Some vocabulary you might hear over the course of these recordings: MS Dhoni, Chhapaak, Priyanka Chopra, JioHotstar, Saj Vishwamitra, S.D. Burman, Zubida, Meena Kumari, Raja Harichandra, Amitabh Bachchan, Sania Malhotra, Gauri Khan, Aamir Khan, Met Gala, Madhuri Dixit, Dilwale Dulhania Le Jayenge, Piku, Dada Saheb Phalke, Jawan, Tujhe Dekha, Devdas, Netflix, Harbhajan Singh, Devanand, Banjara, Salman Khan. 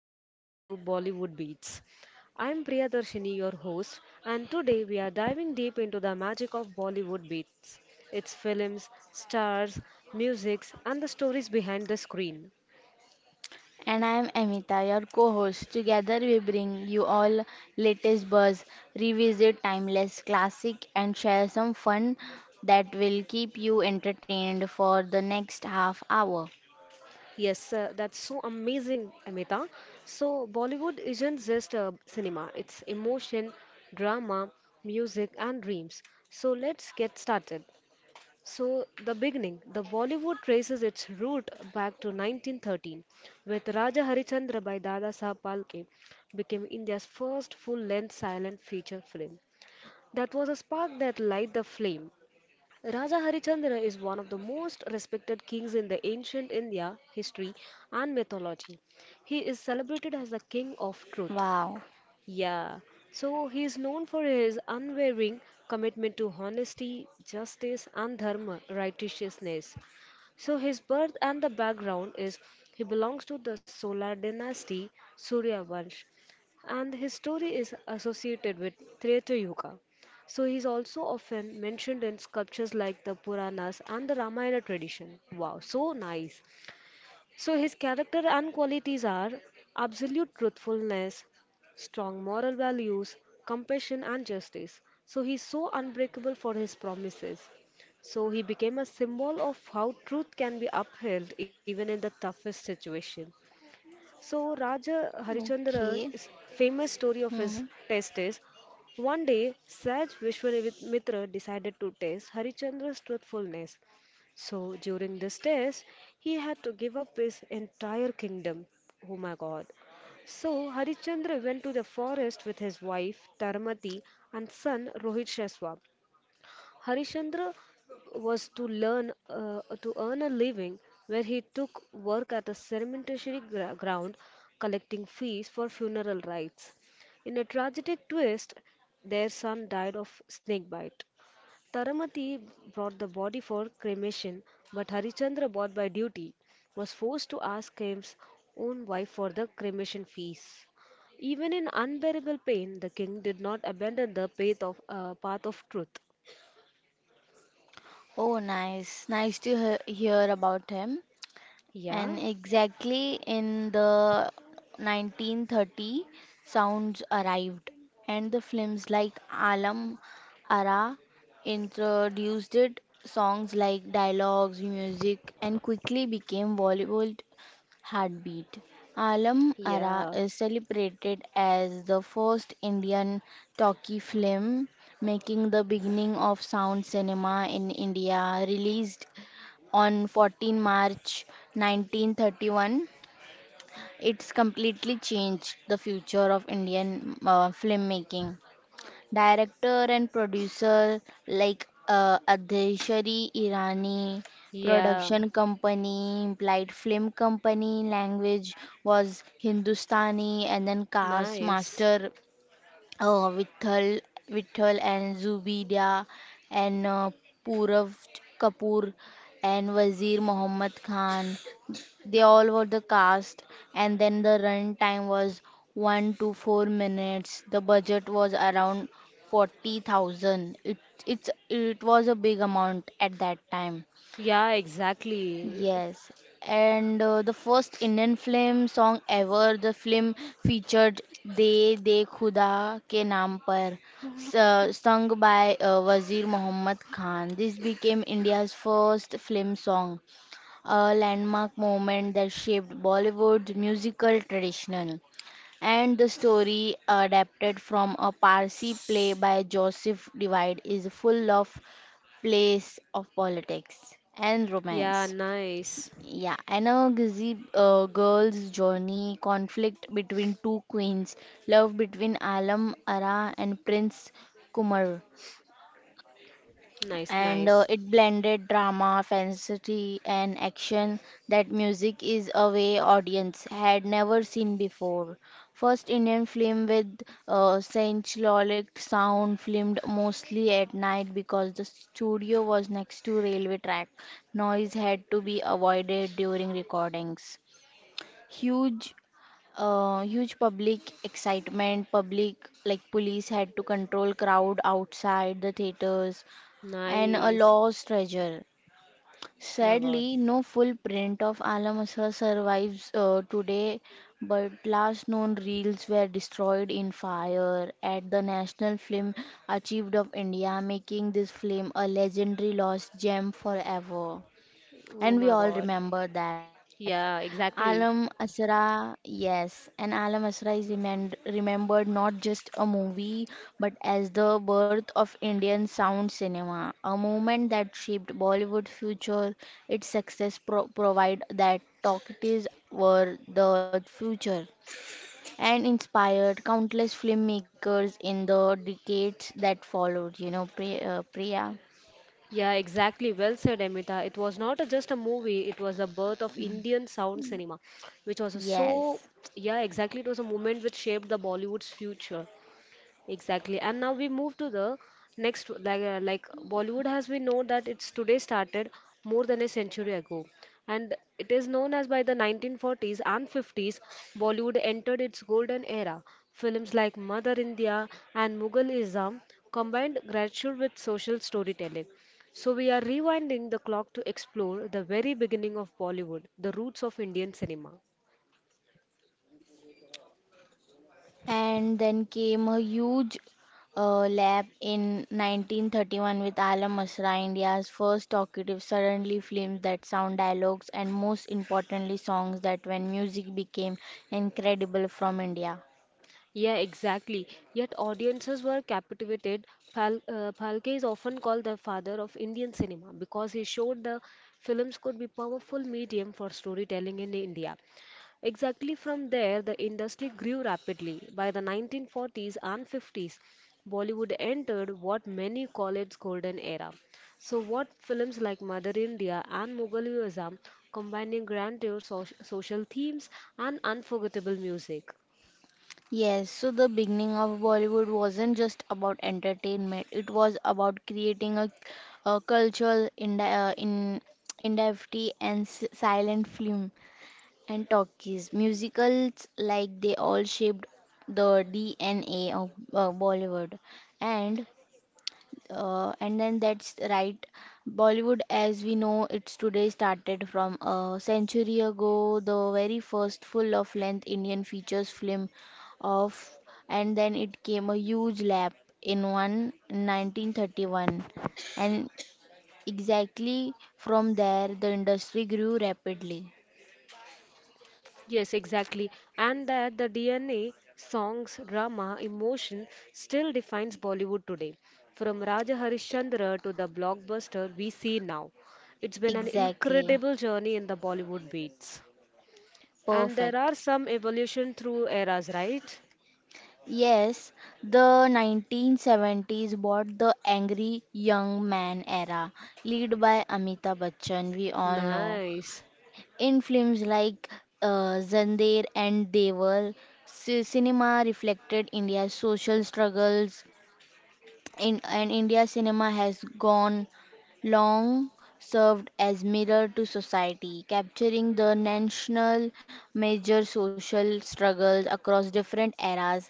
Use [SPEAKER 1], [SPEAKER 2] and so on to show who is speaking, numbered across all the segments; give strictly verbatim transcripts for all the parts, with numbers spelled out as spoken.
[SPEAKER 1] and welcome to Bollywood Beats. I'm Priyadarshini, your host, and today we are diving deep into the magic of Bollywood Beats, its films, stars, musics, and the stories behind the screen.
[SPEAKER 2] And I am Amita, your co-host. Together we bring you all latest buzz, revisit timeless classic and share some fun that will keep you entertained for the next half hour.
[SPEAKER 1] Yes, uh, that's so amazing, Amita. So, Bollywood isn't just uh, cinema, it's emotion, drama, music, and dreams. So, let's get started. So, the beginning, the Bollywood traces its root back to nineteen thirteen with Raja Harichandra by Dada Saheb Phalke became India's first full-length silent feature film. That was a spark that light the flame. Raja Harichandra is one of the most respected kings in the ancient India history and mythology. He is celebrated as the king of truth,
[SPEAKER 2] Wow.
[SPEAKER 1] yeah, so he is known for his unwavering commitment to honesty, justice, and dharma, righteousness. So his birth
[SPEAKER 2] Hmm.
[SPEAKER 1] and the background is he belongs to the Solar dynasty, Surya Vansh, and his story is associated with Treta Yuga. So he is also often mentioned in sculptures like the Puranas and the Ramayana tradition. Wow, so nice. So his character and qualities are absolute truthfulness, strong moral values, compassion and justice. So he's so unbreakable for his promises. So he became a symbol of how truth can be upheld even in the toughest situation. So, Raja
[SPEAKER 2] Okay.
[SPEAKER 1] Harichandra's famous story of his
[SPEAKER 2] Hmm.
[SPEAKER 1] test is one day Saj Vishwamitra decided to test Harichandra's truthfulness. So, during this test, he had to give up his entire kingdom. Oh my god. So, Harichandra went to the forest with his wife Taramati and son Rohit Shaswap. Harishchandra was to learn uh, to earn a living where he took work at a cemetery gra- ground collecting fees for funeral rites. In a tragic twist, their son died of snake bite. Taramati brought the body for cremation, but Harichandra, bought by duty, was forced to ask his own wife for the cremation fees. Even in unbearable pain, the king did not abandon the path of, uh, path of truth.
[SPEAKER 2] Oh, nice. Nice to he- hear about him.
[SPEAKER 1] Yeah.
[SPEAKER 2] And exactly in the nineteen thirty, sounds arrived, and the films like Alam Ara introduced it. Songs like dialogues, music, and quickly became Bollywood heartbeat. Alam Ara
[SPEAKER 1] Yeah,
[SPEAKER 2] is celebrated as the first Indian talkie film, making the beginning of sound cinema in India, released on fourteenth of March nineteen thirty-one. It's completely changed the future of Indian uh, filmmaking. Director and producer like uh, Adeshari Irani,
[SPEAKER 1] yeah,
[SPEAKER 2] production company, implied film company, language was Hindustani, and then cast
[SPEAKER 1] nice.
[SPEAKER 2] master uh, Vithal, Vithal and Zubida and uh, Purav Kapoor and Wazir Mohammed Khan. They all were the cast, and then the run time was one to four minutes. The budget was around forty thousand. It it's it was a big amount at that time.
[SPEAKER 1] Yeah, exactly.
[SPEAKER 2] Yes, and uh, the first Indian film song ever, the film featured "De De Khuda Ke Naam Par," su- sung by uh, Wazir Mohammed Khan. This became India's first film song, a landmark moment that shaped Bollywood's musical tradition. And the story, adapted from a Parsi play by Joseph Divide, is full of place of politics and
[SPEAKER 1] Yeah,
[SPEAKER 2] romance.
[SPEAKER 1] nice.
[SPEAKER 2] Yeah, and a Gizzy uh, girl's journey, conflict between two queens, love between Alam Ara and Prince Kumar,
[SPEAKER 1] Nice,
[SPEAKER 2] and uh,
[SPEAKER 1] nice,
[SPEAKER 2] it blended drama, fantasy, and action that music is a way audience had never seen before. First Indian film with uh, synchronic sound filmed mostly at night because the studio was next to railway track. Noise had to be avoided during recordings huge uh, huge public excitement public like police had to control crowd outside the theaters and a
[SPEAKER 1] nice.
[SPEAKER 2] lost treasure
[SPEAKER 1] My
[SPEAKER 2] sadly
[SPEAKER 1] God.
[SPEAKER 2] no full print of alam Asra survives uh, today but last known reels were destroyed in fire at the national film achieved of india making this film a legendary lost gem forever and
[SPEAKER 1] Oh
[SPEAKER 2] we
[SPEAKER 1] my
[SPEAKER 2] all
[SPEAKER 1] God.
[SPEAKER 2] remember that.
[SPEAKER 1] Yeah,
[SPEAKER 2] Alam
[SPEAKER 1] exactly.
[SPEAKER 2] Asra, yes, and Alam Asra is remem- remembered not just a movie but as the birth of Indian sound cinema, a moment that shaped Bollywood future. Its success pro- provide that talkies were the future and inspired countless filmmakers in the decades that followed. You know, Pri- uh, Priya?
[SPEAKER 1] Yeah, exactly. Well said, Amita. It was not a, just a movie, it was the birth of Indian sound cinema, which was a so,
[SPEAKER 2] Yes.
[SPEAKER 1] yeah, exactly. It was a moment which shaped the Bollywood's future. Exactly. And now we move to the next, like, uh, like Bollywood, as we know that it's today started more than a century ago. And it is known as by the nineteen forties and fifties, Bollywood entered its golden era. Films like Mother India and Mughal Islam combined grandeur with social storytelling. So we are rewinding the clock to explore the very beginning of Bollywood, the roots of Indian cinema.
[SPEAKER 2] And then came a huge uh, lap in nineteen thirty-one with Alam Asra, India's first talkative, suddenly films that sound dialogues and most importantly songs that when music became incredible from India.
[SPEAKER 1] Yeah, exactly. Yet audiences were captivated. Phal uh, Phalke is often called the father of Indian cinema because he showed the films could be powerful medium for storytelling in India. Exactly from there, the industry grew rapidly. By the nineteen forties and fifties, Bollywood entered what many call its golden era. So, what films like Mother India and Mughal Azam combining grandeur, soc- social themes, and unforgettable music?
[SPEAKER 2] Yes, so the beginning of Bollywood wasn't just about entertainment, it was about creating a, a cultural in, uh, in, industry and s- silent film and talkies. Musicals like they all shaped the D N A of uh, Bollywood, and uh, and then that's right. Bollywood, as we know, it's today started from a century ago. The very first full of length Indian features film of, and then it came a huge lap in one nineteen thirty one. And exactly from there the industry grew rapidly.
[SPEAKER 1] Yes, exactly. And that the D N A, songs, drama, emotion still defines Bollywood today. From Raja Harishchandra to the blockbuster we see now. It's been an
[SPEAKER 2] Exactly.
[SPEAKER 1] incredible journey in the Bollywood beats. And there
[SPEAKER 2] Perfect.
[SPEAKER 1] are some evolution through eras, right?
[SPEAKER 2] Yes, the nineteen seventies brought the angry young man era, led by Amitabh Bachchan, we all know.
[SPEAKER 1] Nice.
[SPEAKER 2] In films like uh, Zandeer and Deval, ci- cinema reflected India's social struggles. In, and India cinema has gone long served as mirror to society, capturing the national major social struggles across different eras.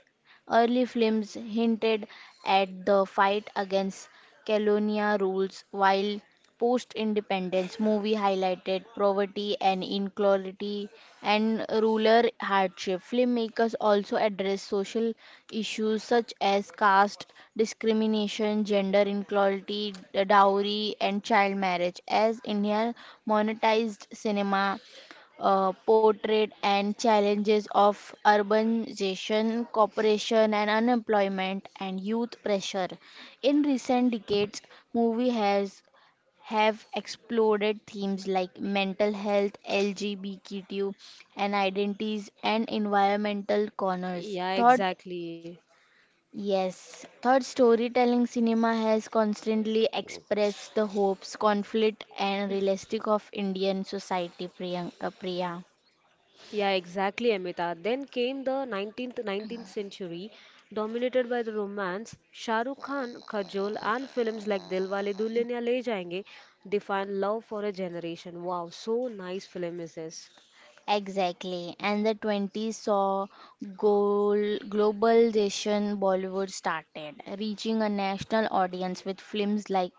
[SPEAKER 2] Early films hinted at the fight against colonial rules, while post independence movie highlighted poverty and inequality and rural hardship. Filmmakers also addressed social issues such as caste discrimination, gender inequality, d- dowry, and child marriage. As India monetized cinema uh, portrayed and challenges of urbanization, cooperation and unemployment and youth pressure. In recent decades, movie has have exploded themes like mental health, L G B T Q, and identities and environmental corners.
[SPEAKER 1] Yeah,
[SPEAKER 2] Thought,
[SPEAKER 1] exactly.
[SPEAKER 2] yes, thought storytelling cinema has constantly expressed the hopes, conflict, and realistic of Indian society. Priyank, uh, Priya.
[SPEAKER 1] Yeah, exactly, Amita. Then came the nineteenth nineteenth century, dominated by the romance. Shah Rukh Khan, Kajol, and films like Dilwale Dulhaniya Le Jayenge defined love for a generation. Wow, so nice film is this.
[SPEAKER 2] Exactly. And the twenties saw goal, globalization Bollywood started, reaching a national audience with films like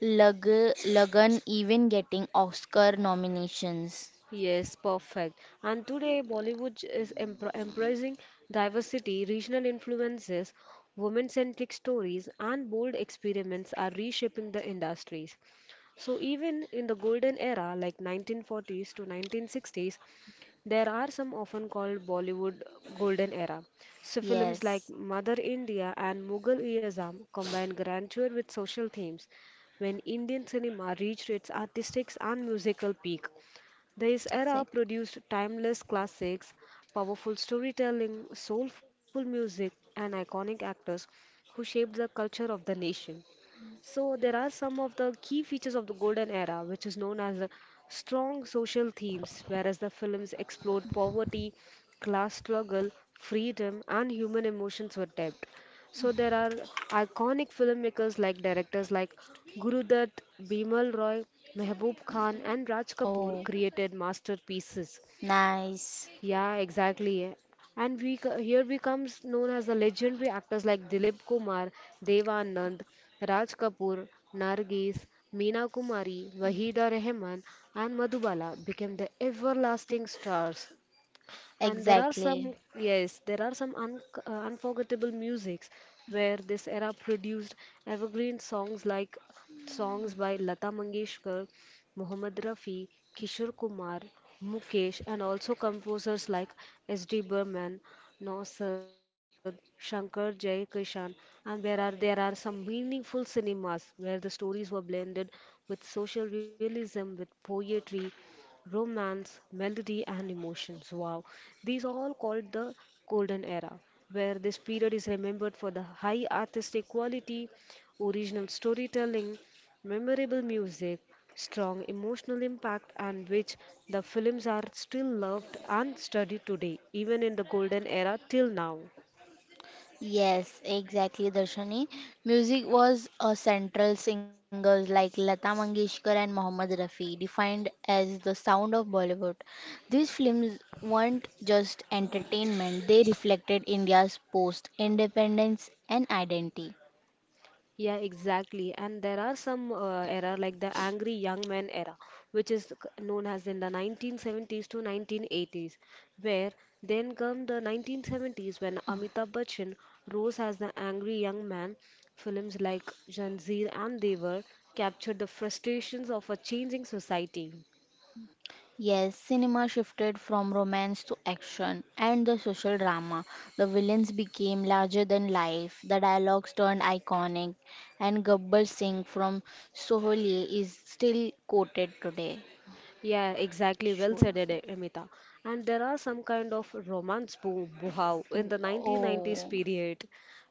[SPEAKER 2] Lag, Lagan even getting Oscar nominations.
[SPEAKER 1] Yes, perfect. And today, Bollywood is empr- embracing diversity, regional influences, women centric stories, and bold experiments are reshaping the industries. So, even in the golden era, like nineteen forties to nineteen sixties, there are some often called Bollywood golden era. So, films like
[SPEAKER 2] Yes,
[SPEAKER 1] Mother India and Mughal e Azam combine grandeur with social themes when Indian cinema reached its artistic and musical peak. This era
[SPEAKER 2] exactly.
[SPEAKER 1] produced timeless classics, powerful storytelling, soulful music, and iconic actors who shaped the culture of the nation. So there are some of the key features of the golden era, which is known as the strong social themes, whereas the films explored poverty, class struggle, freedom, and human emotions were depth. So there are iconic filmmakers like directors like Gurudat, Bimal Roy, Mehboob Khan, and Raj Kapoor
[SPEAKER 2] Oh,
[SPEAKER 1] created masterpieces
[SPEAKER 2] nice.
[SPEAKER 1] yeah, exactly. And we co- here becomes known as the legendary actors like Dilip Kumar, Devanand, Raj Kapoor, Nargis, Meena Kumari, Wahida Rehman, and Madhubala became the everlasting stars. And there are some,
[SPEAKER 2] Exactly.
[SPEAKER 1] yes, there are some un uh, unforgettable musics where this era produced evergreen songs like songs by Lata Mangeshkar, Mohammed Rafi, Kishore Kumar, Mukesh, and also composers like S D. Burman, Nausad, Shankar Jayakishan, and where are there are some meaningful cinemas where the stories were blended with social realism, with poetry, romance, melody, and emotions. Wow, these are all called the golden era, where this period is remembered for the high artistic quality, original storytelling, memorable music, strong emotional impact, and which the films are still loved and studied today, even in the golden era till now.
[SPEAKER 2] Yes, exactly, Darshani. Music was a central singers like Lata Mangeshkar and Mohammed Rafi, defined as the sound of Bollywood. These films weren't just entertainment, they reflected India's post independence and identity.
[SPEAKER 1] Yeah, exactly. And there are some uh, era like the angry young man era, which is c- known as in the nineteen seventies to nineteen eighties, where then come the nineteen seventies when Amitabh Bachchan rose as the angry young man. Films like Janzeer and Devar captured the frustrations of a changing society.
[SPEAKER 2] Yes, cinema shifted from romance to action and the social drama. The villains became larger than life. The dialogues turned iconic, and Gabbar Singh from Sohli is still quoted today.
[SPEAKER 1] Yeah, exactly. Well said,
[SPEAKER 2] Sholay.
[SPEAKER 1] Ed- Amita. And there are some kind of romance boom, wow, in the nineteen nineties
[SPEAKER 2] Oh,
[SPEAKER 1] period,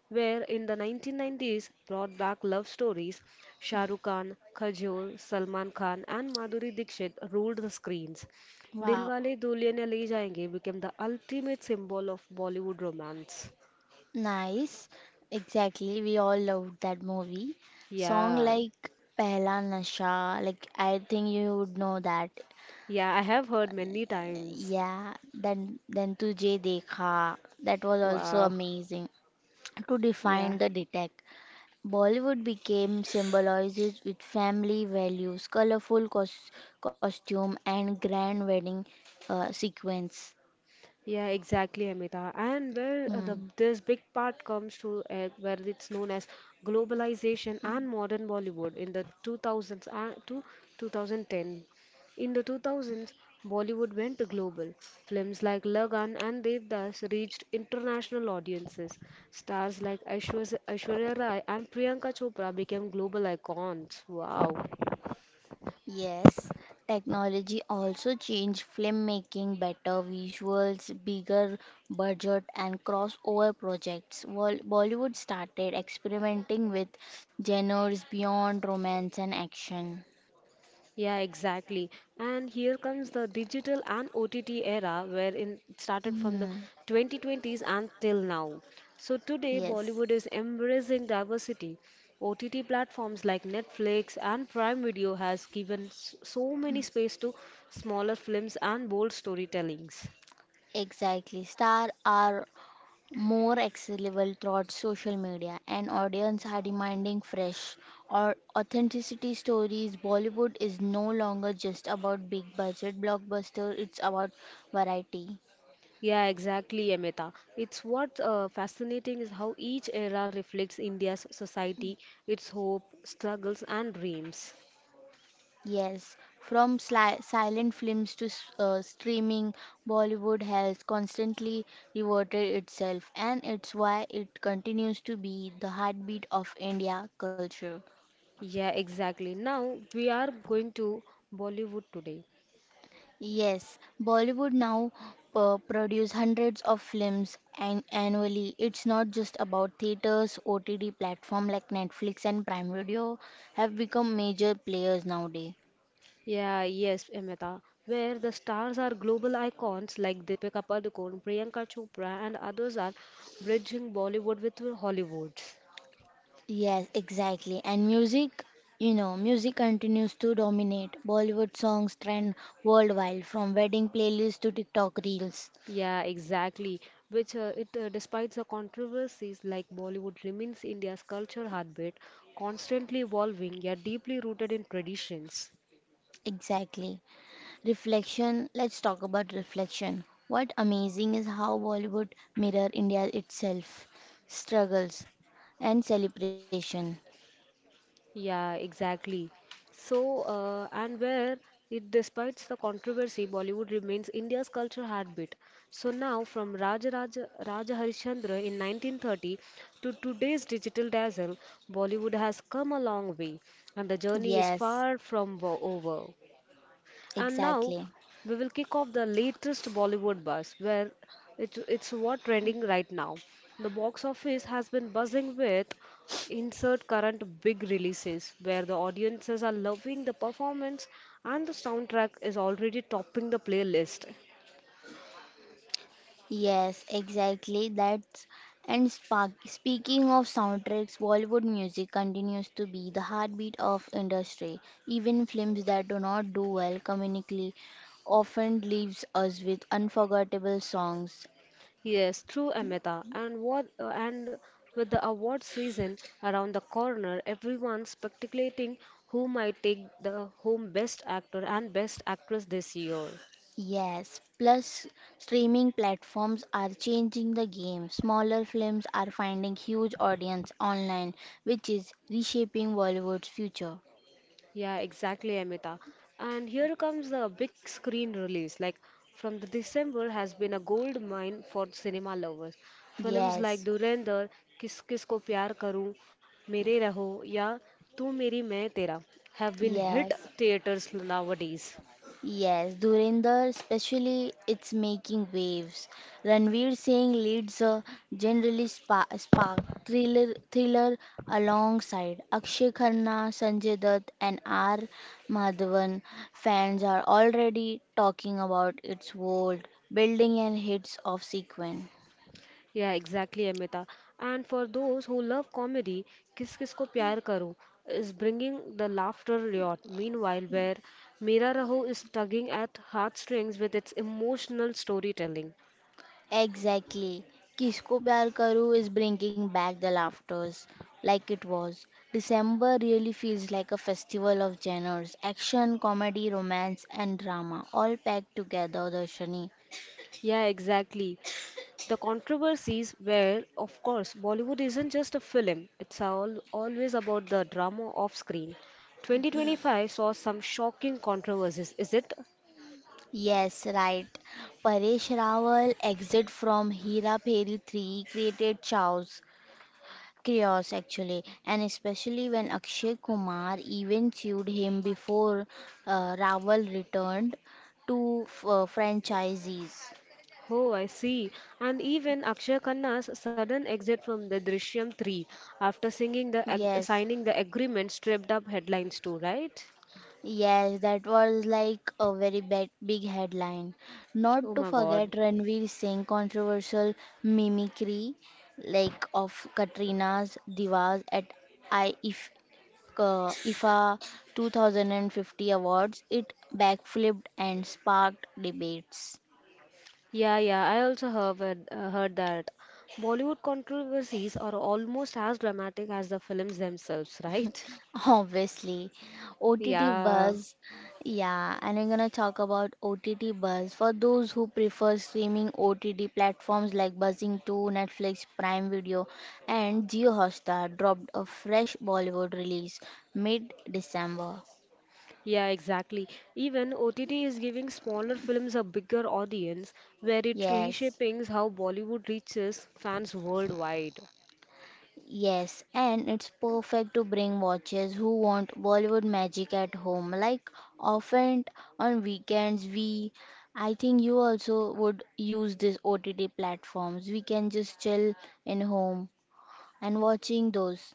[SPEAKER 1] where in the nineteen nineties brought back love stories. Shah Rukh Khan, Kajol, Salman Khan, and Madhuri Dixit ruled the screens.
[SPEAKER 2] wow.
[SPEAKER 1] Dilwale Dulhania Le Jayenge became the ultimate symbol of Bollywood romance.
[SPEAKER 2] Nice. Exactly. We all loved that movie. Song
[SPEAKER 1] Yeah,
[SPEAKER 2] like Pehla Nasha, like I think you would know that.
[SPEAKER 1] yeah, I have heard many times.
[SPEAKER 2] Yeah, then then Tujhe Dekha, that was also
[SPEAKER 1] Wow,
[SPEAKER 2] amazing. To
[SPEAKER 1] yeah.
[SPEAKER 2] define the detect, Bollywood became symbolizes with family values, colorful cos costume, and grand wedding uh, sequence.
[SPEAKER 1] Yeah, exactly, Amita. And where uh, the
[SPEAKER 2] Hmm.
[SPEAKER 1] this big part comes to uh, where it's known as globalization and modern Bollywood in the two thousands and to two thousand ten. In the two thousands, Bollywood went global. Films like Lagan and Devdas reached international audiences. Stars like Aishwarya Aishwarya Rai and Priyanka Chopra became global icons. Wow.
[SPEAKER 2] Yes, technology also changed filmmaking, better visuals, bigger budget, and crossover projects. Wol- Bollywood started experimenting with genres beyond romance and action.
[SPEAKER 1] Yeah, exactly. And here comes the digital and O T T era where in, it started from
[SPEAKER 2] Hmm.
[SPEAKER 1] the twenty twenties until now. So today,
[SPEAKER 2] Yes,
[SPEAKER 1] Bollywood is embracing diversity. O T T platforms like Netflix and Prime Video has given s- so many space to smaller films and bold storytellings.
[SPEAKER 2] exactly. Star are more accessible throughout social media and audience are demanding fresh or authenticity stories. Bollywood is no longer just about big budget blockbuster. It's about variety.
[SPEAKER 1] Yeah, exactly, Amita. It's what uh, fascinating is how each era reflects India's society, its hope, struggles, and dreams.
[SPEAKER 2] Yes, from sli- silent films to s- uh, streaming, Bollywood has constantly reverted itself and it's why it continues to be the heartbeat of India culture.
[SPEAKER 1] Yeah, exactly. Now we are going to Bollywood today.
[SPEAKER 2] Yes, Bollywood now uh, produce hundreds of films an- annually. It's not just about theaters, O T T platform like Netflix and Prime Video have become major players nowadays.
[SPEAKER 1] Yeah, yes, Amita, where the stars are global icons like Deepika Padukone, Priyanka Chopra, and others are bridging Bollywood with Hollywood.
[SPEAKER 2] Yes, exactly. And music, you know, music continues to dominate. Bollywood songs trend worldwide from wedding playlists to TikTok reels.
[SPEAKER 1] Yeah, exactly. Which uh, it, uh, despite the controversies, like Bollywood remains India's culture heartbeat, constantly evolving yet deeply rooted in traditions.
[SPEAKER 2] Exactly. Reflection, let's talk about reflection. What amazing is how Bollywood mirror India itself, struggles and celebration.
[SPEAKER 1] Yeah, exactly. So, uh, and where it despite the controversy, Bollywood remains India's cultural heartbeat. So now, from Raja Raja, Raja Harishchandra in nineteen thirty to today's digital dazzle, Bollywood has come a long way, and the journey is
[SPEAKER 2] Yes,
[SPEAKER 1] far from wo- over. And now
[SPEAKER 2] exactly.
[SPEAKER 1] we will kick off the latest Bollywood buzz, where it's, it's what trending right now. The box office has been buzzing with insert current big releases, where the audiences are loving the performance and the soundtrack is already topping the playlist.
[SPEAKER 2] Yes, exactly. That's and spark, speaking of soundtracks, Bollywood music continues to be the heartbeat of industry. Even films that do not do well comedically often leaves us with unforgettable songs.
[SPEAKER 1] Yes, true, Amita. And what uh, and with the award season around the corner, everyone's speculating who might take the home best actor and best actress this year.
[SPEAKER 2] Yes, plus streaming platforms are changing the game. Smaller films are finding huge audience online, which is reshaping Bollywood's future.
[SPEAKER 1] Yeah, exactly, Amita. And here comes the big screen release. Like from the December has been a gold mine for cinema lovers. Films like
[SPEAKER 2] Yes,
[SPEAKER 1] Dhurandhar, Kis Kis Ko Pyar Karu, Mere Raho, ya Tu Meri, Main Tera have been hit
[SPEAKER 2] yes.
[SPEAKER 1] theaters nowadays.
[SPEAKER 2] Yes, Dhurinder especially it's making waves. Ranveer Singh leads a generally spa- spark thriller, thriller alongside Akshay Khanna, Sanjay Dutt and R. Madhavan. Fans are already talking about its world building and hits of sequence.
[SPEAKER 1] Yeah, exactly, Amita. And for those who love comedy, Kiss kiss ko Pyar Karo is bringing the laughter yacht. Meanwhile, where Mera Raho is tugging at heartstrings with its emotional storytelling.
[SPEAKER 2] Exactly. Kisko Pyar Karo is bringing back the laughters like it was. December really feels like a festival of genres action, comedy, romance, and drama all packed together, Darshani.
[SPEAKER 1] Yeah, exactly. The controversies where, of course, Bollywood isn't just a film. It's all, always about the drama off screen. twenty twenty-five saw some shocking controversies, is it?
[SPEAKER 2] Yes, right. Paresh Rawal exit from Hera Peri three created chaos, chaos actually, and especially when Akshay Kumar even sued him before uh, Rawal returned to uh, franchisees.
[SPEAKER 1] Oh, I see. And even Akshay Khanna's sudden exit from the Drishyam three after singing the ag-
[SPEAKER 2] Yes,
[SPEAKER 1] signing the agreement stripped up headlines too, right?
[SPEAKER 2] yes, that was like a very bad, big headline. Not
[SPEAKER 1] Oh
[SPEAKER 2] to
[SPEAKER 1] my
[SPEAKER 2] forget
[SPEAKER 1] God.
[SPEAKER 2] Ranveer Singh controversial mimicry like of Katrina's Divas at I if uh, I F A two thousand fifty awards. It backflipped and sparked debates.
[SPEAKER 1] Yeah, yeah, I also heard, uh, heard that. Bollywood controversies are almost as dramatic as the films themselves, right?
[SPEAKER 2] Obviously, O T T
[SPEAKER 1] Yeah,
[SPEAKER 2] buzz. Yeah, and I'm gonna talk about O T T buzz for those who prefer streaming O T T platforms like Buzzing two, Netflix, Prime Video, and JioHotstar dropped a fresh Bollywood release mid-December.
[SPEAKER 1] yeah, exactly. Even O T T is giving smaller films a bigger audience where it
[SPEAKER 2] Yes.
[SPEAKER 1] reshaping how Bollywood reaches fans worldwide.
[SPEAKER 2] Yes, and it's perfect to bring watchers who want Bollywood magic at home. Like often on weekends, we I think you also would use these O T T platforms. We can just chill in home and watching those.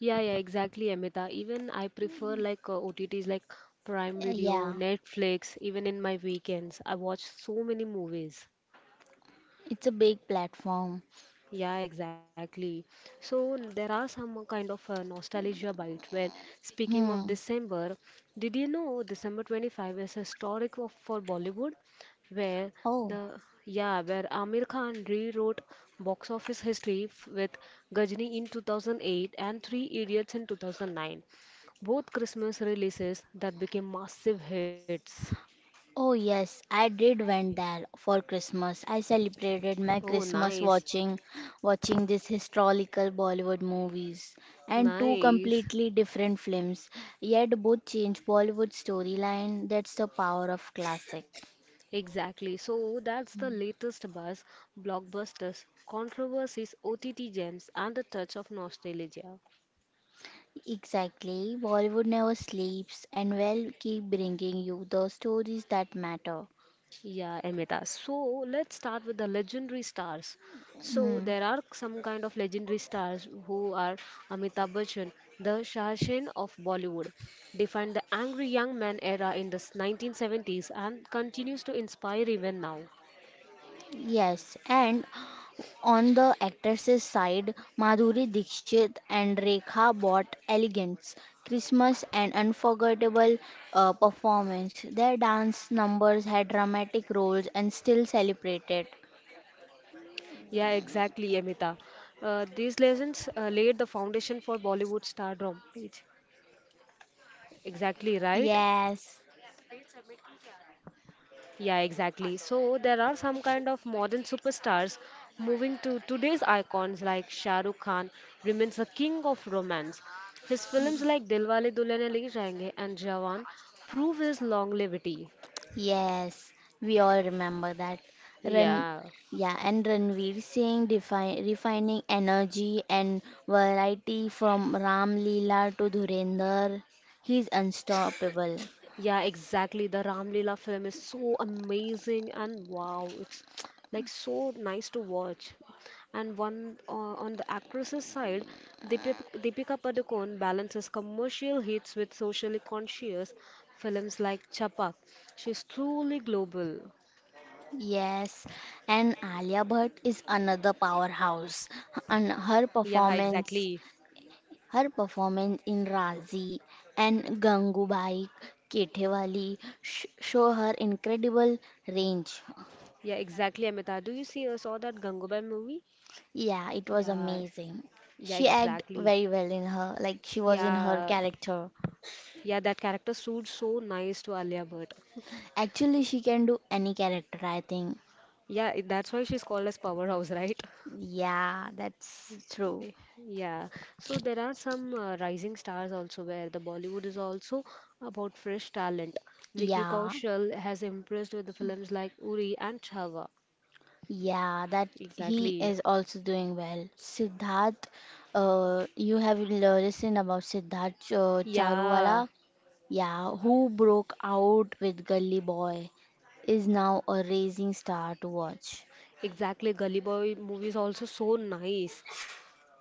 [SPEAKER 1] Yeah, yeah, exactly, Amita. Even I prefer like uh, O T Ts like Prime
[SPEAKER 2] Uh,
[SPEAKER 1] Video,
[SPEAKER 2] yeah,
[SPEAKER 1] Netflix, even in my weekends. I watch so many movies.
[SPEAKER 2] it's a big platform.
[SPEAKER 1] Yeah, exactly. So n- there are some kind of uh, nostalgia bite where speaking of
[SPEAKER 2] Hmm.
[SPEAKER 1] December, did you know December twenty-five is historic of, for Bollywood where
[SPEAKER 2] Oh.
[SPEAKER 1] the yeah, where Amir Khan rewrote box office history f- with Gajni in two thousand eight and Three Idiots in two thousand nine. Both Christmas releases that became massive hits.
[SPEAKER 2] Oh, yes, I did went there for Christmas. I celebrated
[SPEAKER 1] Oh,
[SPEAKER 2] my Christmas
[SPEAKER 1] nice.
[SPEAKER 2] watching watching these historical Bollywood movies and two
[SPEAKER 1] Nice.
[SPEAKER 2] completely different films, yet both change Bollywood storyline. That's the power of classic.
[SPEAKER 1] Exactly. So that's the latest buzz, blockbusters, controversies, O T T gems, and the touch of nostalgia.
[SPEAKER 2] Exactly. Bollywood never sleeps and will keep bringing you the stories that matter.
[SPEAKER 1] Yeah, Amita. So let's start with the legendary stars. So
[SPEAKER 2] Hmm.
[SPEAKER 1] there are some kind of legendary stars who are Amitabh Bachchan, the Shah Rukh of Bollywood, defined the angry young man era in the nineteen seventies and continues to inspire even now.
[SPEAKER 2] Yes, and on the actresses' side, Madhuri Dixit and Rekha brought elegance, Christmas, and unforgettable uh, performance. Their dance numbers had dramatic roles and still celebrated.
[SPEAKER 1] Yeah, exactly, Amita. Uh, these lessons uh, laid the foundation for Bollywood stardom. It's exactly right.
[SPEAKER 2] Yes,
[SPEAKER 1] Yeah, exactly. So there are some kind of modern superstars moving to today's icons like Shah Rukh Khan remains the king of romance. His films like Dilwale Dulhania Le Jayenge and Jawan prove his longevity.
[SPEAKER 2] yes, we all remember that. Ran,
[SPEAKER 1] Yeah.
[SPEAKER 2] yeah, and Ranveer Singh defi- refining energy and variety from Ram Leela to Dhurendra. He's unstoppable.
[SPEAKER 1] Yeah, exactly. The Ramlila film is so amazing and wow, it's like so nice to watch. And one uh, on the actress's side, Deepika, Deepika Padukone balances commercial hits with socially conscious films like Chapak. She's truly global.
[SPEAKER 2] Yes, and Alia Bhatt is another powerhouse. And her
[SPEAKER 1] Yeah, exactly.
[SPEAKER 2] performance, her performance in Razi and Gangubai Ketewali sh- show her incredible range.
[SPEAKER 1] Yeah, exactly, Amita. Do you see or saw that Gangubai movie?
[SPEAKER 2] Yeah, it was
[SPEAKER 1] Yeah,
[SPEAKER 2] amazing.
[SPEAKER 1] yeah,
[SPEAKER 2] She acted
[SPEAKER 1] exactly.
[SPEAKER 2] very well in her, like she was in her
[SPEAKER 1] Yeah,
[SPEAKER 2] character.
[SPEAKER 1] yeah, that character suits so nice to Alia Bhatt.
[SPEAKER 2] Actually, she can do any character, I think.
[SPEAKER 1] Yeah, i- that's why she's called as powerhouse, right?
[SPEAKER 2] Yeah, that's true.
[SPEAKER 1] Y- Yeah. So there are some uh, rising stars also where the Bollywood is also about fresh talent. Vicky
[SPEAKER 2] Yeah.
[SPEAKER 1] Kaushal has impressed with the films like Uri and Chhawa.
[SPEAKER 2] Yeah, that he
[SPEAKER 1] Exactly.
[SPEAKER 2] is also doing well. Siddharth, uh, you have l- listened about Siddharth uh,
[SPEAKER 1] Yeah,
[SPEAKER 2] Charuwala, yeah, who broke out with Gully Boy, is now a rising star to watch.
[SPEAKER 1] exactly. Gully Boy movie is also so nice.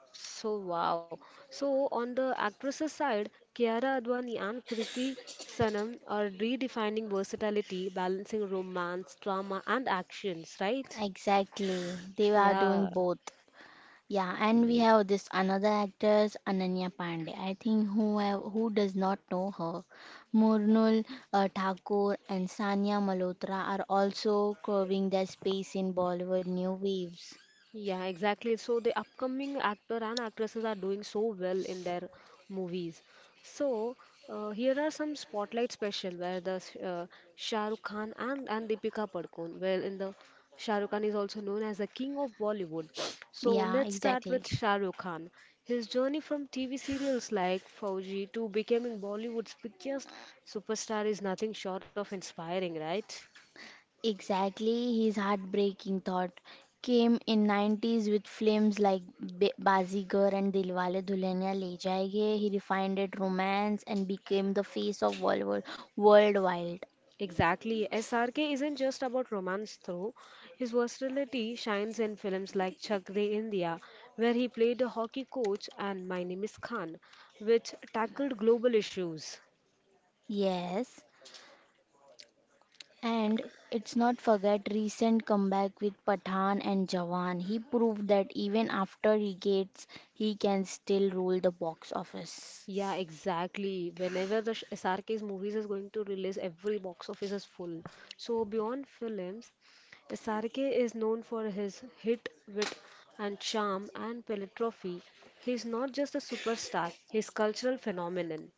[SPEAKER 1] So wow. So on the actresses side, Kiara Advani and Kriti Sanam are redefining versatility, balancing romance, drama, and actions, right?
[SPEAKER 2] Exactly, they are doing
[SPEAKER 1] Yeah.
[SPEAKER 2] both. Yeah, and we have this another actress Ananya Pandey. I think who have, who does not know her, Murnul uh, Thakur and Sania Malhotra are also carving their space in Bollywood new waves.
[SPEAKER 1] Yeah, exactly. So the upcoming actor and actresses are doing so well in their movies. So uh, here are some spotlight special where the s- uh, Shah Rukh Khan and and Deepika Padukone. Well, in the Shah Rukh Khan is also known as the king of Bollywood. So
[SPEAKER 2] Yeah,
[SPEAKER 1] let's start
[SPEAKER 2] exactly.
[SPEAKER 1] with Shah Rukh Khan. His journey from T V serials like Fauji to becoming Bollywood's biggest superstar is nothing short of inspiring, right?
[SPEAKER 2] Exactly, his heartbreaking thought came in nineties with films like Ba- Bazigar and Dilwale Dulhania Le Jayenge. He refined it romance and became the face of Bollywood worldwide.
[SPEAKER 1] Exactly. S R K isn't just about romance, though. His versatility shines in films like Chak De India, where he played a hockey coach, and My Name is Khan, which tackled global issues.
[SPEAKER 2] Yes. And it's not forget recent comeback with Pathan and Jawan. He proved that even after he gets, he can still rule the box office.
[SPEAKER 1] Yeah, exactly. Whenever the sh- S R K's movies is going to release, every box office is full. So beyond films, S R K is known for his hit, wit, and charm and philanthropy. He's not just a superstar; he's cultural phenomenon.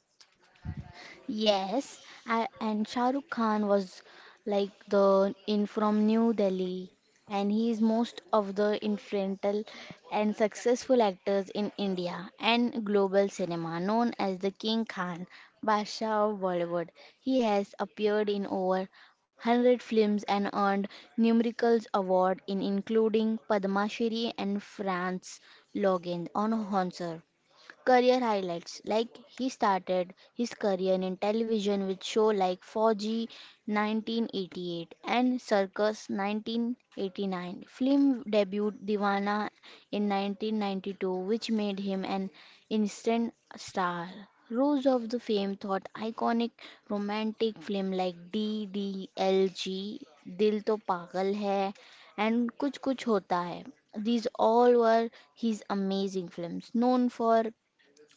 [SPEAKER 2] Yes, I, and Shah Rukh Khan was like the in from New Delhi, and he is most of the influential and successful actors in India and global cinema, known as the King Khan, Basha of Bollywood. He has appeared in over one hundred films and earned numerous awards in including Padma Shri and France Logan on Honsar. Career highlights like he started his career in television with show like four G nineteen eighty-eight and Circus nineteen eighty-nine. Film debut Divana in nineteen ninety-two, which made him an instant star. Rose of the Fame thought iconic romantic film like D D L G, Dil To Pagal Hai, and Kuch Kuch Hota Hai. These all were his amazing films, known for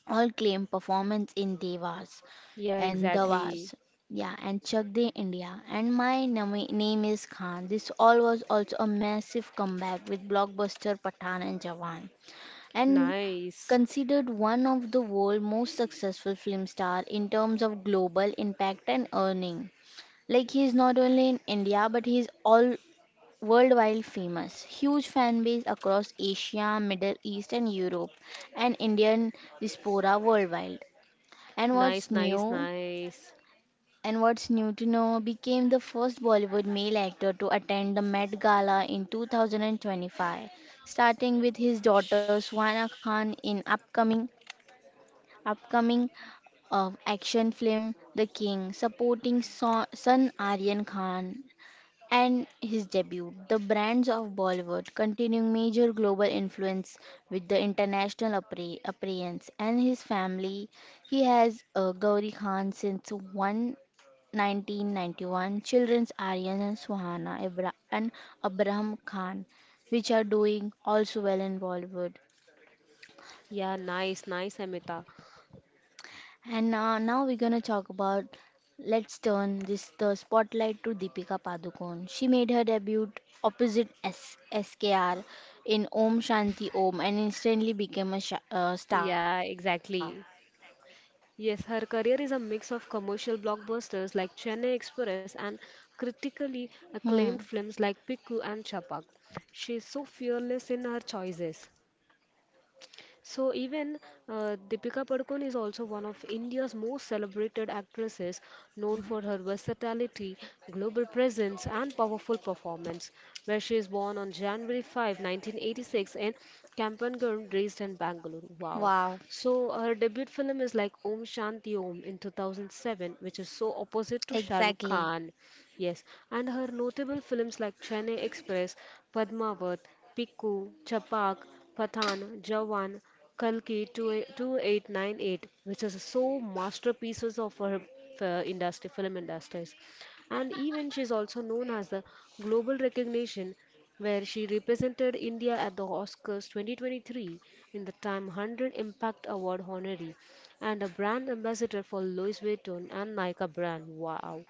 [SPEAKER 2] all claim performance in Devas
[SPEAKER 1] Yeah,
[SPEAKER 2] and Davas.
[SPEAKER 1] exactly.
[SPEAKER 2] Yeah, and Chak De India. And my name, name is Khan. This all was also a massive comeback with blockbuster Pathan and Jawan. And
[SPEAKER 1] Nice.
[SPEAKER 2] considered one of the world's most successful film star in terms of global impact and earning. Like he is not only in India but he is all worldwide famous. Huge fan base across Asia, Middle East and Europe and Indian diaspora worldwide. And what's
[SPEAKER 1] Nice, nice,
[SPEAKER 2] new
[SPEAKER 1] nice.
[SPEAKER 2] and what's new to know became the first Bollywood male actor to attend the Met Gala in two thousand twenty-five, starting with his daughter Swana
[SPEAKER 1] Shh.
[SPEAKER 2] Khan in upcoming upcoming uh, action film The King, supporting so- son Aryan Khan and his debut, The Brands of Bollywood, continuing major global influence with the international appre- appearance and his family. He has uh, Gauri Khan since 1 nineteen ninety-one, children's Aryan and Suhana Ibra- and Abraham Khan, which are doing also well in Bollywood.
[SPEAKER 1] Yeah, nice, nice, Amita.
[SPEAKER 2] And uh, now we're gonna talk about Let's turn this the spotlight to Deepika Padukone. She made her debut opposite S- SKR in Om Shanti Om and instantly became a sha uh, star.
[SPEAKER 1] Yeah, exactly. Yes, her career is a mix of commercial blockbusters like Chennai Express and critically
[SPEAKER 2] Hmm.
[SPEAKER 1] acclaimed films like Pikku and Chapak. She is so fearless in her choices. So even uh, Deepika Padukone is also one of India's most celebrated actresses, known for her versatility, global presence, and powerful performance. Where she is born on January fifth, nineteen eighty-six, in Kampangarh, raised in Bangalore. Wow!
[SPEAKER 2] Wow,
[SPEAKER 1] So her debut film is like Om Shanti Om in two thousand seven, which is so opposite to Shah Rukh
[SPEAKER 2] exactly.
[SPEAKER 1] Khan. Yes, and her notable films like Chennai Express, Padmavat, Pikku, Chapak, Pathan, Jawan, Kalki 28- 2898, which is so masterpieces of her uh, industry, film industries. And even she is also known as the global recognition where she represented India at the Oscars two thousand twenty-three in the Time one hundred Impact Award honoree and a brand ambassador for Louis Vuitton and Nike brand. Wow.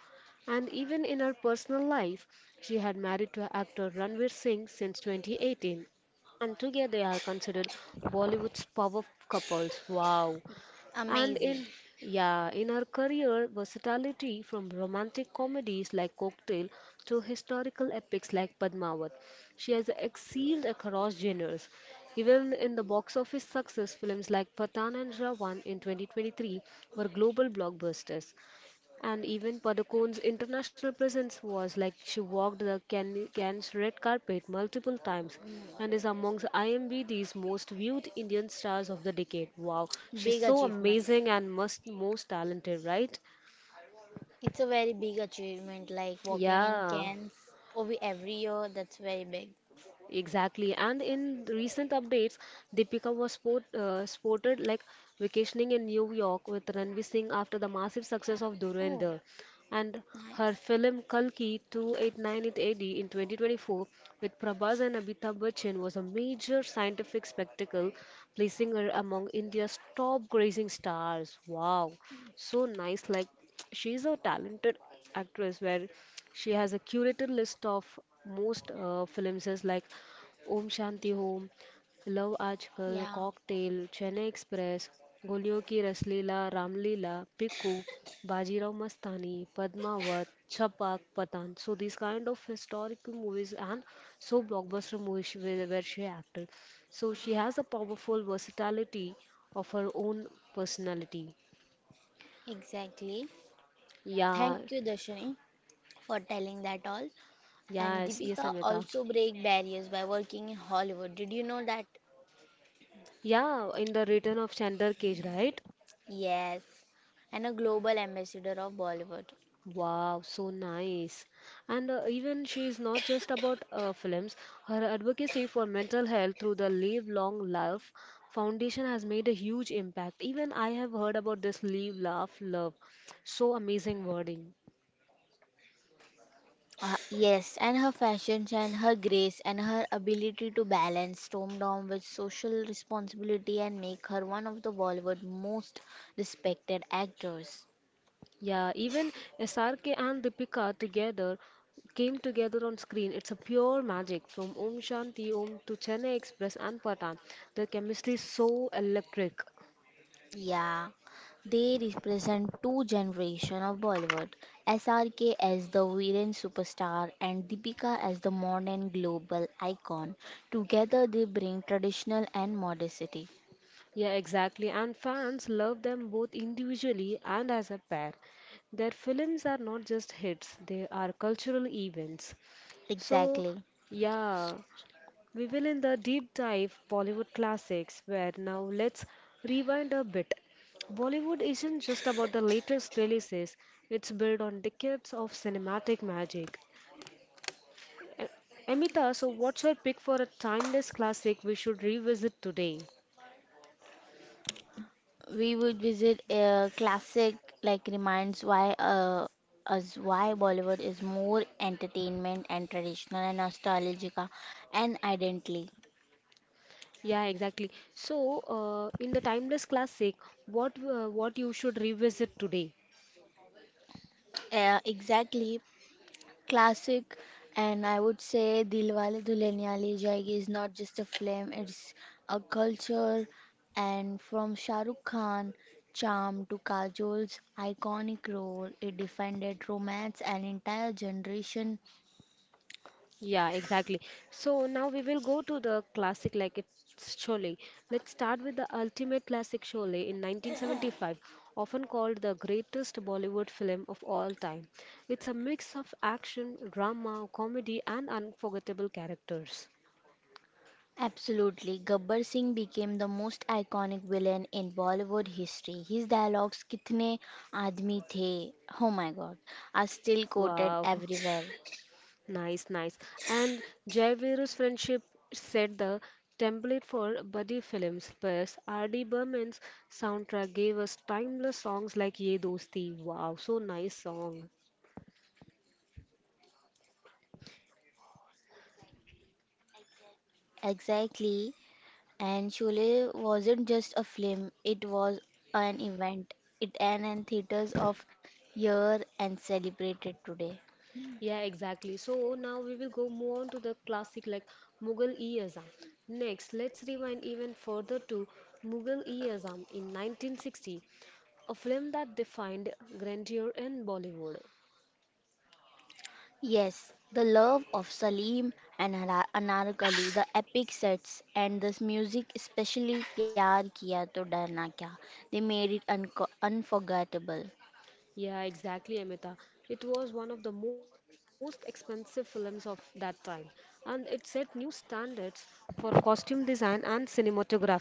[SPEAKER 1] And even in her personal life, she had married to actor Ranveer Singh since twenty eighteen. And together they are considered Bollywood's power couples. Wow. And
[SPEAKER 2] Amazing.
[SPEAKER 1] in yeah, in her career, versatility from romantic comedies like Cocktail to historical epics like Padmavat. She has excelled across genres. Even in the box office success, films like Pathan and Ravan in twenty twenty-three were global blockbusters. And even Padukone's international presence was like she walked the Can- Cannes red carpet multiple times
[SPEAKER 2] Mm,
[SPEAKER 1] and is amongst IMDb's most viewed Indian stars of the decade. Wow, she's
[SPEAKER 2] Big
[SPEAKER 1] so
[SPEAKER 2] achievement.
[SPEAKER 1] amazing and must most talented, right?
[SPEAKER 2] It's a very big achievement, like walking in
[SPEAKER 1] Yeah.
[SPEAKER 2] cans over every year. That's very big.
[SPEAKER 1] Exactly, and in the recent updates, Deepika was sport, uh, sported like vacationing in New York with Ranveer Singh after the massive success of
[SPEAKER 2] Oh,
[SPEAKER 1] Dhurandhar, and her
[SPEAKER 2] nice.
[SPEAKER 1] film Kalki twenty-eight ninety-eight A D in twenty twenty-four with Prabhas and Amitabh Bachchan was a major scientific spectacle, placing her among India's top grazing stars. Wow, so nice! Like she's a talented actress, where she has a curated list of most uh, films is like Om Shanti Home, Love આજकल,
[SPEAKER 2] Yeah,
[SPEAKER 1] Cocktail, Chennai Express, गोलियों की रसलीला, Ramlila, Piku, Bajirao Mastani, Padmavat, Chhapak, Patan. So these kind of historical movies and so blockbuster movies she- where where she acted. So she has a powerful versatility of her own personality.
[SPEAKER 2] exactly.
[SPEAKER 1] Yeah,
[SPEAKER 2] Thank you, Darshini, for telling that all. And
[SPEAKER 1] yes, yes,
[SPEAKER 2] Deepika
[SPEAKER 1] Amita.
[SPEAKER 2] also break barriers by working in Hollywood. Did you know that?
[SPEAKER 1] Yeah, in the Return of Chandler Cage, right?
[SPEAKER 2] Yes. And a global ambassador of Bollywood.
[SPEAKER 1] Wow, so nice. And uh, even she is not just about uh, films. Her advocacy for mental health through the Live Long Love Foundation has made a huge impact. Even I have heard about this Live, Laugh, Love. So amazing wording.
[SPEAKER 2] Uh, yes, and her fashion and her grace and her ability to balance Storm Down with social responsibility and make her one of the Bollywood most respected actors.
[SPEAKER 1] Yeah, even S R K and Deepika together came together on screen. It's a pure magic from Om Shanti Om to Chennai Express and Patan. The chemistry is so electric.
[SPEAKER 2] Yeah, they represent two generation of Bollywood. S R K as the Viren superstar and Deepika as the modern global icon. Together they bring traditional and modernity.
[SPEAKER 1] Yeah, exactly. And fans love them both individually and as a pair. Their films are not just hits, they are cultural events. So,
[SPEAKER 2] Exactly.
[SPEAKER 1] yeah, we will in the deep dive Bollywood classics where now let's rewind a bit. Bollywood isn't just about the latest releases, it's built on decades of cinematic magic. A- Amita, so what's your pick for a timeless classic we should revisit today?
[SPEAKER 2] We would visit a classic like reminds why uh, us why Bollywood is more entertainment and traditional and nostalgic and identity.
[SPEAKER 1] Yeah, exactly. So, uh, in the timeless classic, what uh, what you should revisit today?
[SPEAKER 2] Uh, exactly, classic and I would say Dilwale Dulhaniya Le Jayegi is not just a film, it's a culture, and from Shah Rukh Khan charm to Kajol's iconic role, it defined that romance an entire generation.
[SPEAKER 1] Yeah, exactly. So now we will go to the classic like it's Sholay. Let's start with the ultimate classic Sholay in nineteen seventy-five, often called the greatest Bollywood film of all time. It's a mix of action, drama, comedy, and unforgettable characters.
[SPEAKER 2] Absolutely, Gabbar Singh became the most iconic villain in Bollywood history. His dialogues, kitne aadmi the, oh my god, are still quoted
[SPEAKER 1] Wow.
[SPEAKER 2] everywhere
[SPEAKER 1] Nice, nice. And Jai Veeru's friendship set the template for buddy films, whereas R D. Burman's soundtrack gave us timeless songs like Ye Dosti. Wow, so nice song.
[SPEAKER 2] exactly. And Sholay wasn't just a film, it was an event. It an and theaters of year and celebrated today.
[SPEAKER 1] Yeah, exactly. So now we will go move on to the classic like Mughal-e Azam. Next, let's rewind even further to Mughal-e Azam in nineteen sixty, a film that defined grandeur in Bollywood.
[SPEAKER 2] Yes, the love of Salim and Ana- Anarkali, the epic sets and this music, especially Pyar Kiya To Darna Kya, they made it unco- unforgettable.
[SPEAKER 1] Yeah, exactly, Amita. It was one of the most expensive films of that time, and it set new standards for costume design and cinematography.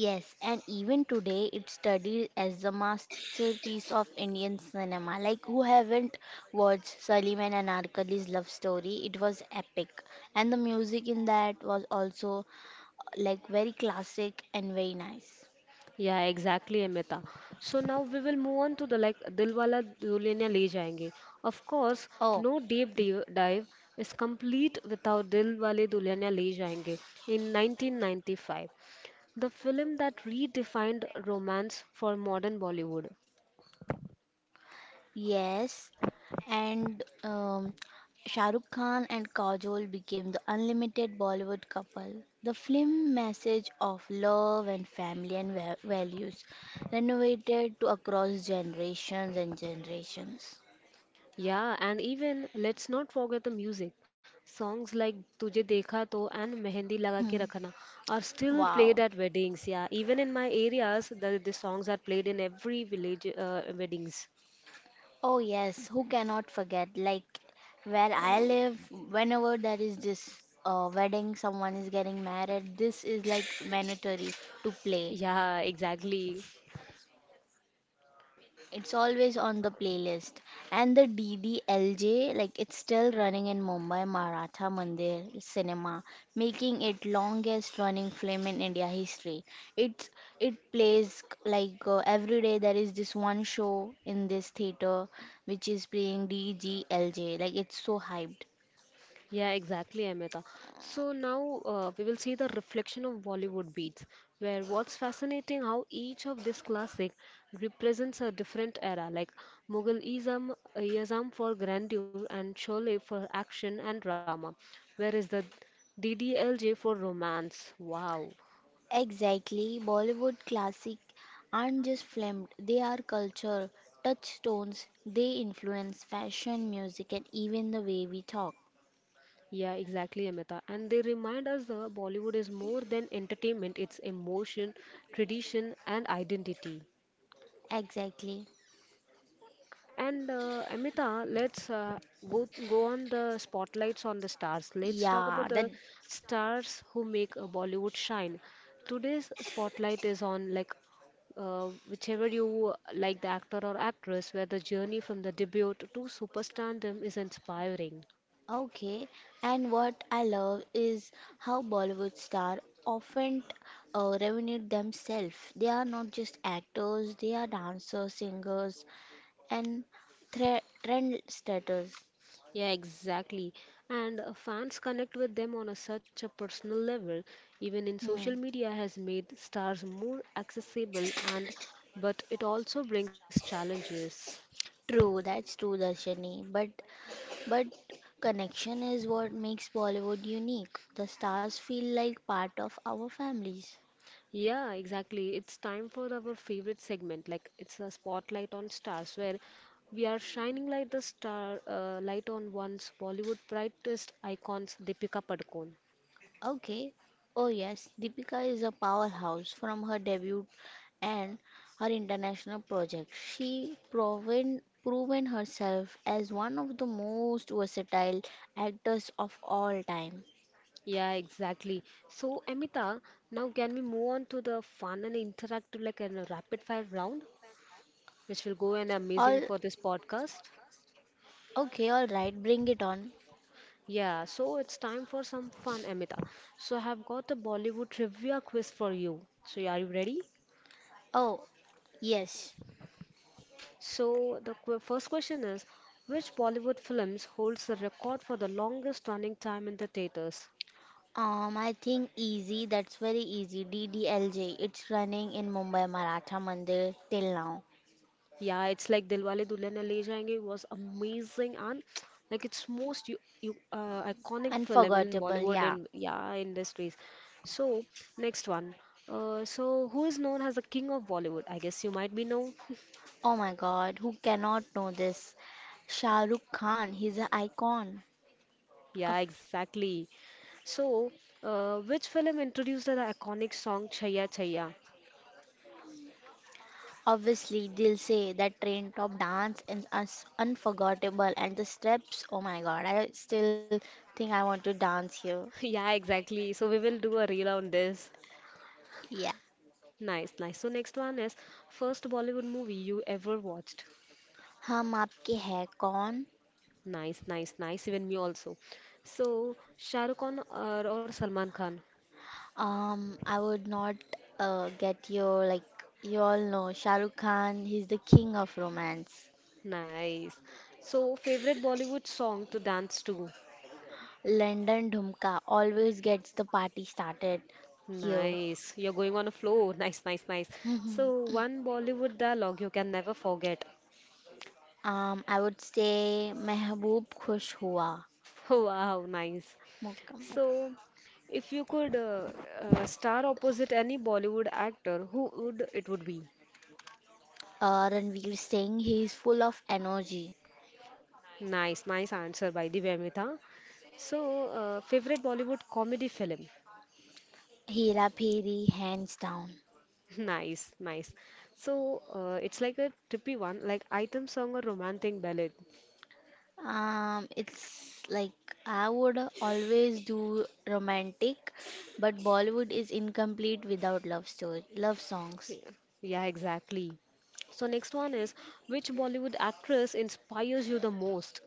[SPEAKER 2] Yes, and even today it's studied as a masterpiece of Indian cinema. Like who haven't watched Sullivan and Anarkali's love story? It was epic, and the music in that was also like very classic and very nice.
[SPEAKER 1] Yeah, exactly, Amita. So now we will move on to the like Dilwala Dulhania Le Jayenge. Of course,
[SPEAKER 2] Oh,
[SPEAKER 1] no deep dive dive is complete without Dilwale Dulhania Le Jayenge in nineteen ninety-five, the film that redefined romance for modern Bollywood.
[SPEAKER 2] yes, and um, Shah Rukh Khan and Kajol became the unlimited Bollywood couple. The film message of love and family and va- values renovated to across generations and generations.
[SPEAKER 1] Yeah, and even let's not forget the music. Songs like Tujhe Dekha To and Mehendi Laga Ke
[SPEAKER 2] Hmm.
[SPEAKER 1] Rakhna are still played
[SPEAKER 2] Wow.
[SPEAKER 1] at weddings. Yeah, even in my areas, the, the songs are played in every village uh, weddings.
[SPEAKER 2] Oh yes, who cannot forget? Like where I live, whenever there is this uh, wedding, someone is getting married. This is like mandatory to play.
[SPEAKER 1] Yeah, exactly.
[SPEAKER 2] It's always on the playlist. And the D D L J, like it's still running in Mumbai Maratha Mandir cinema, making it longest running film in India history. It's it plays like uh, every day. There is this one show in this theater which is playing D D L J. Like it's so hyped.
[SPEAKER 1] Yeah, exactly, Amita. So now uh, we will see the reflection of Bollywood beats, where what's fascinating how each of this classic represents a different era, like Mughal-ism, Iyazam for grandeur and Sholay for action and drama, whereas the D D L J for romance. Wow.
[SPEAKER 2] Exactly, Bollywood classic aren't just filmed, they are culture touchstones. They influence fashion, music, and even the way we talk.
[SPEAKER 1] Yeah, exactly, Amita. And they remind us that Bollywood is more than entertainment, it's emotion, tradition, and identity.
[SPEAKER 2] Exactly.
[SPEAKER 1] And uh, Amita, let's uh, go go on the spotlights on the stars. Let's talk
[SPEAKER 2] Yeah,
[SPEAKER 1] about
[SPEAKER 2] that
[SPEAKER 1] the stars who make uh, Bollywood shine. Today's spotlight is on like uh, whichever you like the actor or actress, where the journey from the debut to superstardom is inspiring.
[SPEAKER 2] Okay. And what I love is how Bollywood star often uh, revenue themselves. They are not just actors, they are dancers, singers, and thre trend setters.
[SPEAKER 1] Yeah, exactly. And uh, fans connect with them on a such a personal level. Even in social
[SPEAKER 2] Hmm.
[SPEAKER 1] media has made stars more accessible and but it also brings challenges.
[SPEAKER 2] True, that's true, Darshani. But but connection is what makes Bollywood unique. The stars feel like part of our families.
[SPEAKER 1] Yeah, exactly. It's time for our favorite segment. Like it's a spotlight on stars where we are shining light the star uh, light on once Bollywood brightest icons Deepika Padukone.
[SPEAKER 2] Okay. Oh yes, Deepika is a powerhouse from her debut and her international projects. She proven proven herself as one of the most versatile actors of all time.
[SPEAKER 1] Yeah, exactly. So, Amita, now can we move on to the fun and interactive, like a rapid fire round, which will go and amazing
[SPEAKER 2] All
[SPEAKER 1] for this podcast?
[SPEAKER 2] okay, all right, bring it on.
[SPEAKER 1] Yeah, so it's time for some fun, Amita. So, I have got the Bollywood trivia quiz for you. So, yeah, are you ready?
[SPEAKER 2] Oh, yes.
[SPEAKER 1] So, the qu first question is, which Bollywood films holds the record for the longest running time in the theaters?
[SPEAKER 2] Um, I think easy, that's very easy. D D L J, it's running in Mumbai Maratha Mandir till now.
[SPEAKER 1] Yeah, it's like Dilwale Dulhania Le Jayenge was amazing and like it's most you, you uh, iconic film in
[SPEAKER 2] Unforgettable,
[SPEAKER 1] Bollywood
[SPEAKER 2] yeah.
[SPEAKER 1] and yeah industries. So next one. Uh, so who is known as the king of Bollywood? I guess you might be know.
[SPEAKER 2] Oh my god, who cannot know this? Shah Rukh Khan, he's an icon.
[SPEAKER 1] Yeah,
[SPEAKER 2] A
[SPEAKER 1] exactly. So uh, which film introduced the iconic song Chaya Chaya?
[SPEAKER 2] obviously, they'll say that train top dance is us unforgettable and the steps. Oh my god, I still think I want to dance here.
[SPEAKER 1] Yeah, exactly. So we will do a reel on this.
[SPEAKER 2] Yeah.
[SPEAKER 1] Nice, nice. So next one is first Bollywood movie you ever watched.
[SPEAKER 2] हम आपके है कौन?
[SPEAKER 1] Nice, nice, nice. Even me also. So, Shah Rukh Khan or, or Salman Khan?
[SPEAKER 2] Um, I would not uh, get your, like you all know Shahrukh Khan. He's the king of romance.
[SPEAKER 1] Nice. So, favorite Bollywood song to dance to?
[SPEAKER 2] London Dhumka always gets the party started here.
[SPEAKER 1] Nice. You're going on a flow. Nice, nice, nice. So, one Bollywood dialogue you can never forget.
[SPEAKER 2] um, I would say Mehboob Khush
[SPEAKER 1] Wow, nice.
[SPEAKER 2] Hua.
[SPEAKER 1] So, if you could uh, uh, star opposite any Bollywood actor, who would it would be?
[SPEAKER 2] Uh, Ranveer Singh, he is full of energy.
[SPEAKER 1] Nice, nice answer by the way, Amita. So, uh, favorite Bollywood comedy film?
[SPEAKER 2] Hera Phiri, hands down.
[SPEAKER 1] Nice, nice. So uh, it's like a trippy one, like item song or romantic ballad.
[SPEAKER 2] Um, it's like I would always do romantic, but Bollywood is incomplete without love story, love songs.
[SPEAKER 1] Yeah, yeah, exactly. So next one is which Bollywood actress inspires you the most?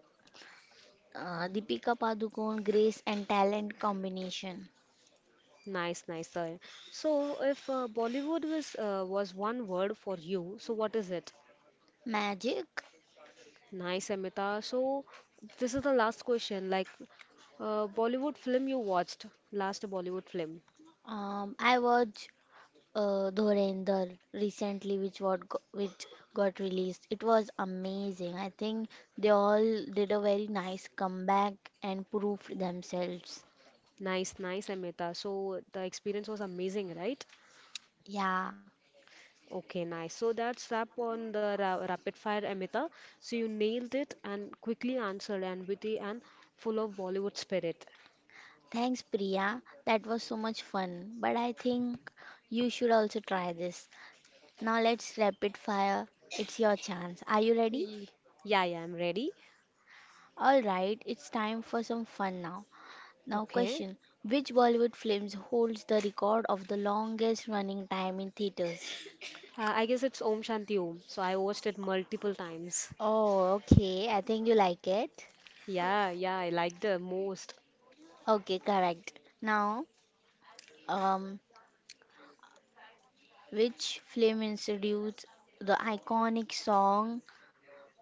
[SPEAKER 2] Uh, Deepika Padukone, grace and talent combination.
[SPEAKER 1] Nice, nice, sir. So if uh, Bollywood was uh, was one word for you, so what is it?
[SPEAKER 2] Magic.
[SPEAKER 1] Nice, Amita. So this is the last question. Like uh, Bollywood film you watched, last Bollywood film.
[SPEAKER 2] Um, I watch uh, Dhurandhar recently, which what go- which got released. It was amazing. I think they all did a very nice comeback and proved themselves.
[SPEAKER 1] Nice, nice, Amita. So the experience was amazing, right?
[SPEAKER 2] Yeah.
[SPEAKER 1] Okay, nice. So that's wrap on the ra rapid fire, Amita. So you nailed it and quickly answered and witty and full of Bollywood spirit.
[SPEAKER 2] Thanks, Priya. That was so much fun. But I think you should also try this. Now let's rapid fire. It's your chance. Are you ready?
[SPEAKER 1] Ye- Yeah, yeah, I'm ready.
[SPEAKER 2] All right. It's time for some fun now. Now,
[SPEAKER 1] Okay.
[SPEAKER 2] question: which Bollywood films holds the record of the longest running time in theaters?
[SPEAKER 1] Uh, I guess it's Om Shanti Om. So I watched it multiple times.
[SPEAKER 2] Oh, okay. I think you like it.
[SPEAKER 1] Yeah, yeah, I like the most.
[SPEAKER 2] Okay, correct. Now, um, which film introduced the iconic song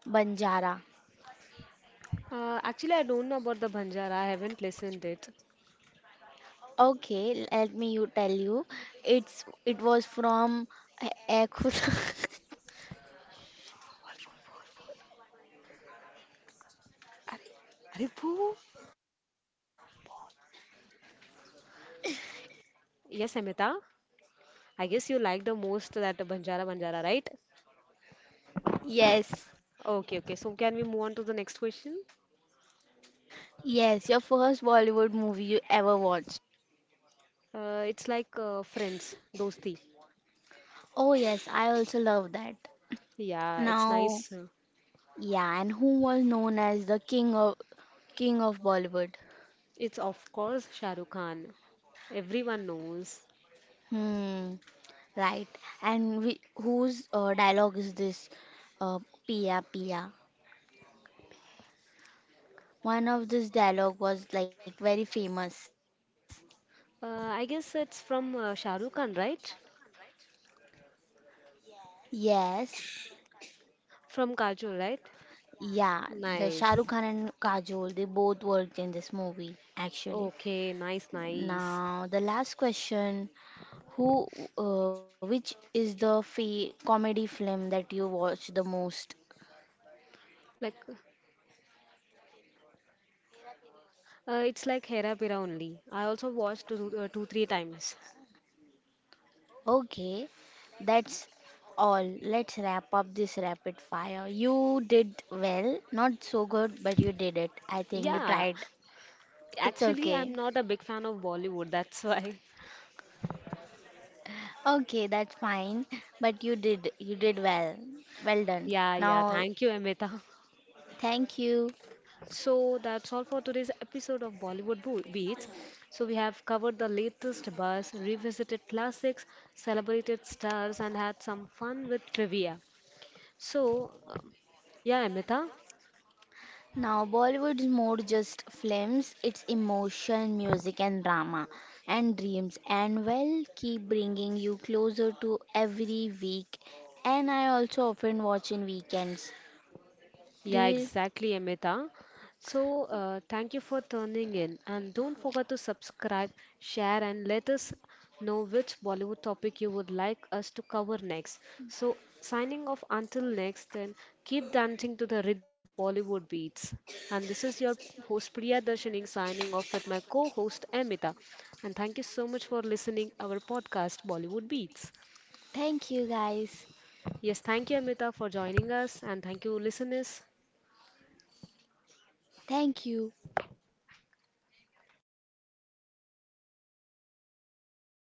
[SPEAKER 2] Banjara?
[SPEAKER 1] Uh, actually, I don't know about the Banjara. I haven't listened it.
[SPEAKER 2] Okay, let me you tell you. It's it was from A- A Khud-
[SPEAKER 1] Are, are boo. Yes, Amita. I guess you like the most that Banjara Banjara, right?
[SPEAKER 2] Yes,
[SPEAKER 1] Okay, okay. So can we move on to the next question?
[SPEAKER 2] yes, your first Bollywood movie you ever watched.
[SPEAKER 1] Uh, it's like uh, friends, dosti.
[SPEAKER 2] Oh yes, I also love that.
[SPEAKER 1] Yeah, it's
[SPEAKER 2] Now,
[SPEAKER 1] nice.
[SPEAKER 2] yeah, and who was known as the king of king of Bollywood?
[SPEAKER 1] It's of course Shah Rukh Khan. Everyone knows.
[SPEAKER 2] Hmm. Right. And we, whose uh, dialogue is this? Uh, Pia, Pia. One of this dialogue was like very famous.
[SPEAKER 1] Uh, I guess it's from uh, Shah Rukh Khan, right?
[SPEAKER 2] Yes.
[SPEAKER 1] From Kajol, right?
[SPEAKER 2] Yeah. The Shah Rukh
[SPEAKER 1] Nice.
[SPEAKER 2] Khan and Kajol, they both worked in this movie actually.
[SPEAKER 1] Okay, nice, nice.
[SPEAKER 2] Now the last question: who, uh, which is the fa comedy film that you watch the most?
[SPEAKER 1] Like, uh, it's like Hera Pera only. I also watched two, uh, two, three times.
[SPEAKER 2] Okay, that's all. Let's wrap up this rapid fire. You did well, not so good, but you did it. I think you
[SPEAKER 1] Yeah,
[SPEAKER 2] tried. It's
[SPEAKER 1] actually,
[SPEAKER 2] okay.
[SPEAKER 1] I'm not a big fan of Bollywood. That's why.
[SPEAKER 2] Okay, that's fine. But you did you did well. Well done.
[SPEAKER 1] Yeah, yeah.
[SPEAKER 2] Now,
[SPEAKER 1] Thank you, Amita.
[SPEAKER 2] thank you.
[SPEAKER 1] So that's all for today's episode of Bollywood Bo- Beats. So we have covered the latest buzz, revisited classics, celebrated stars, and had some fun with trivia. So, um, yeah, Amita,
[SPEAKER 2] Now, Bollywood's more just films. It's emotion, music and drama and dreams. And well, keep bringing you closer to every week. And I also often watch in weekends. Do
[SPEAKER 1] yeah,
[SPEAKER 2] you?
[SPEAKER 1] exactly, Amita. So, uh, thank you for tuning in and don't forget to subscribe, share, and let us know which Bollywood topic you would like us to cover next. So, signing off until next, then keep dancing to the rhythm of Bollywood beats. And this is your host Priya Darshaning signing off with my co host Amita. And thank you so much for listening our podcast Bollywood Beats.
[SPEAKER 2] Thank you, guys.
[SPEAKER 1] Yes, thank you Amita for joining us and thank you listeners.
[SPEAKER 2] Thank you.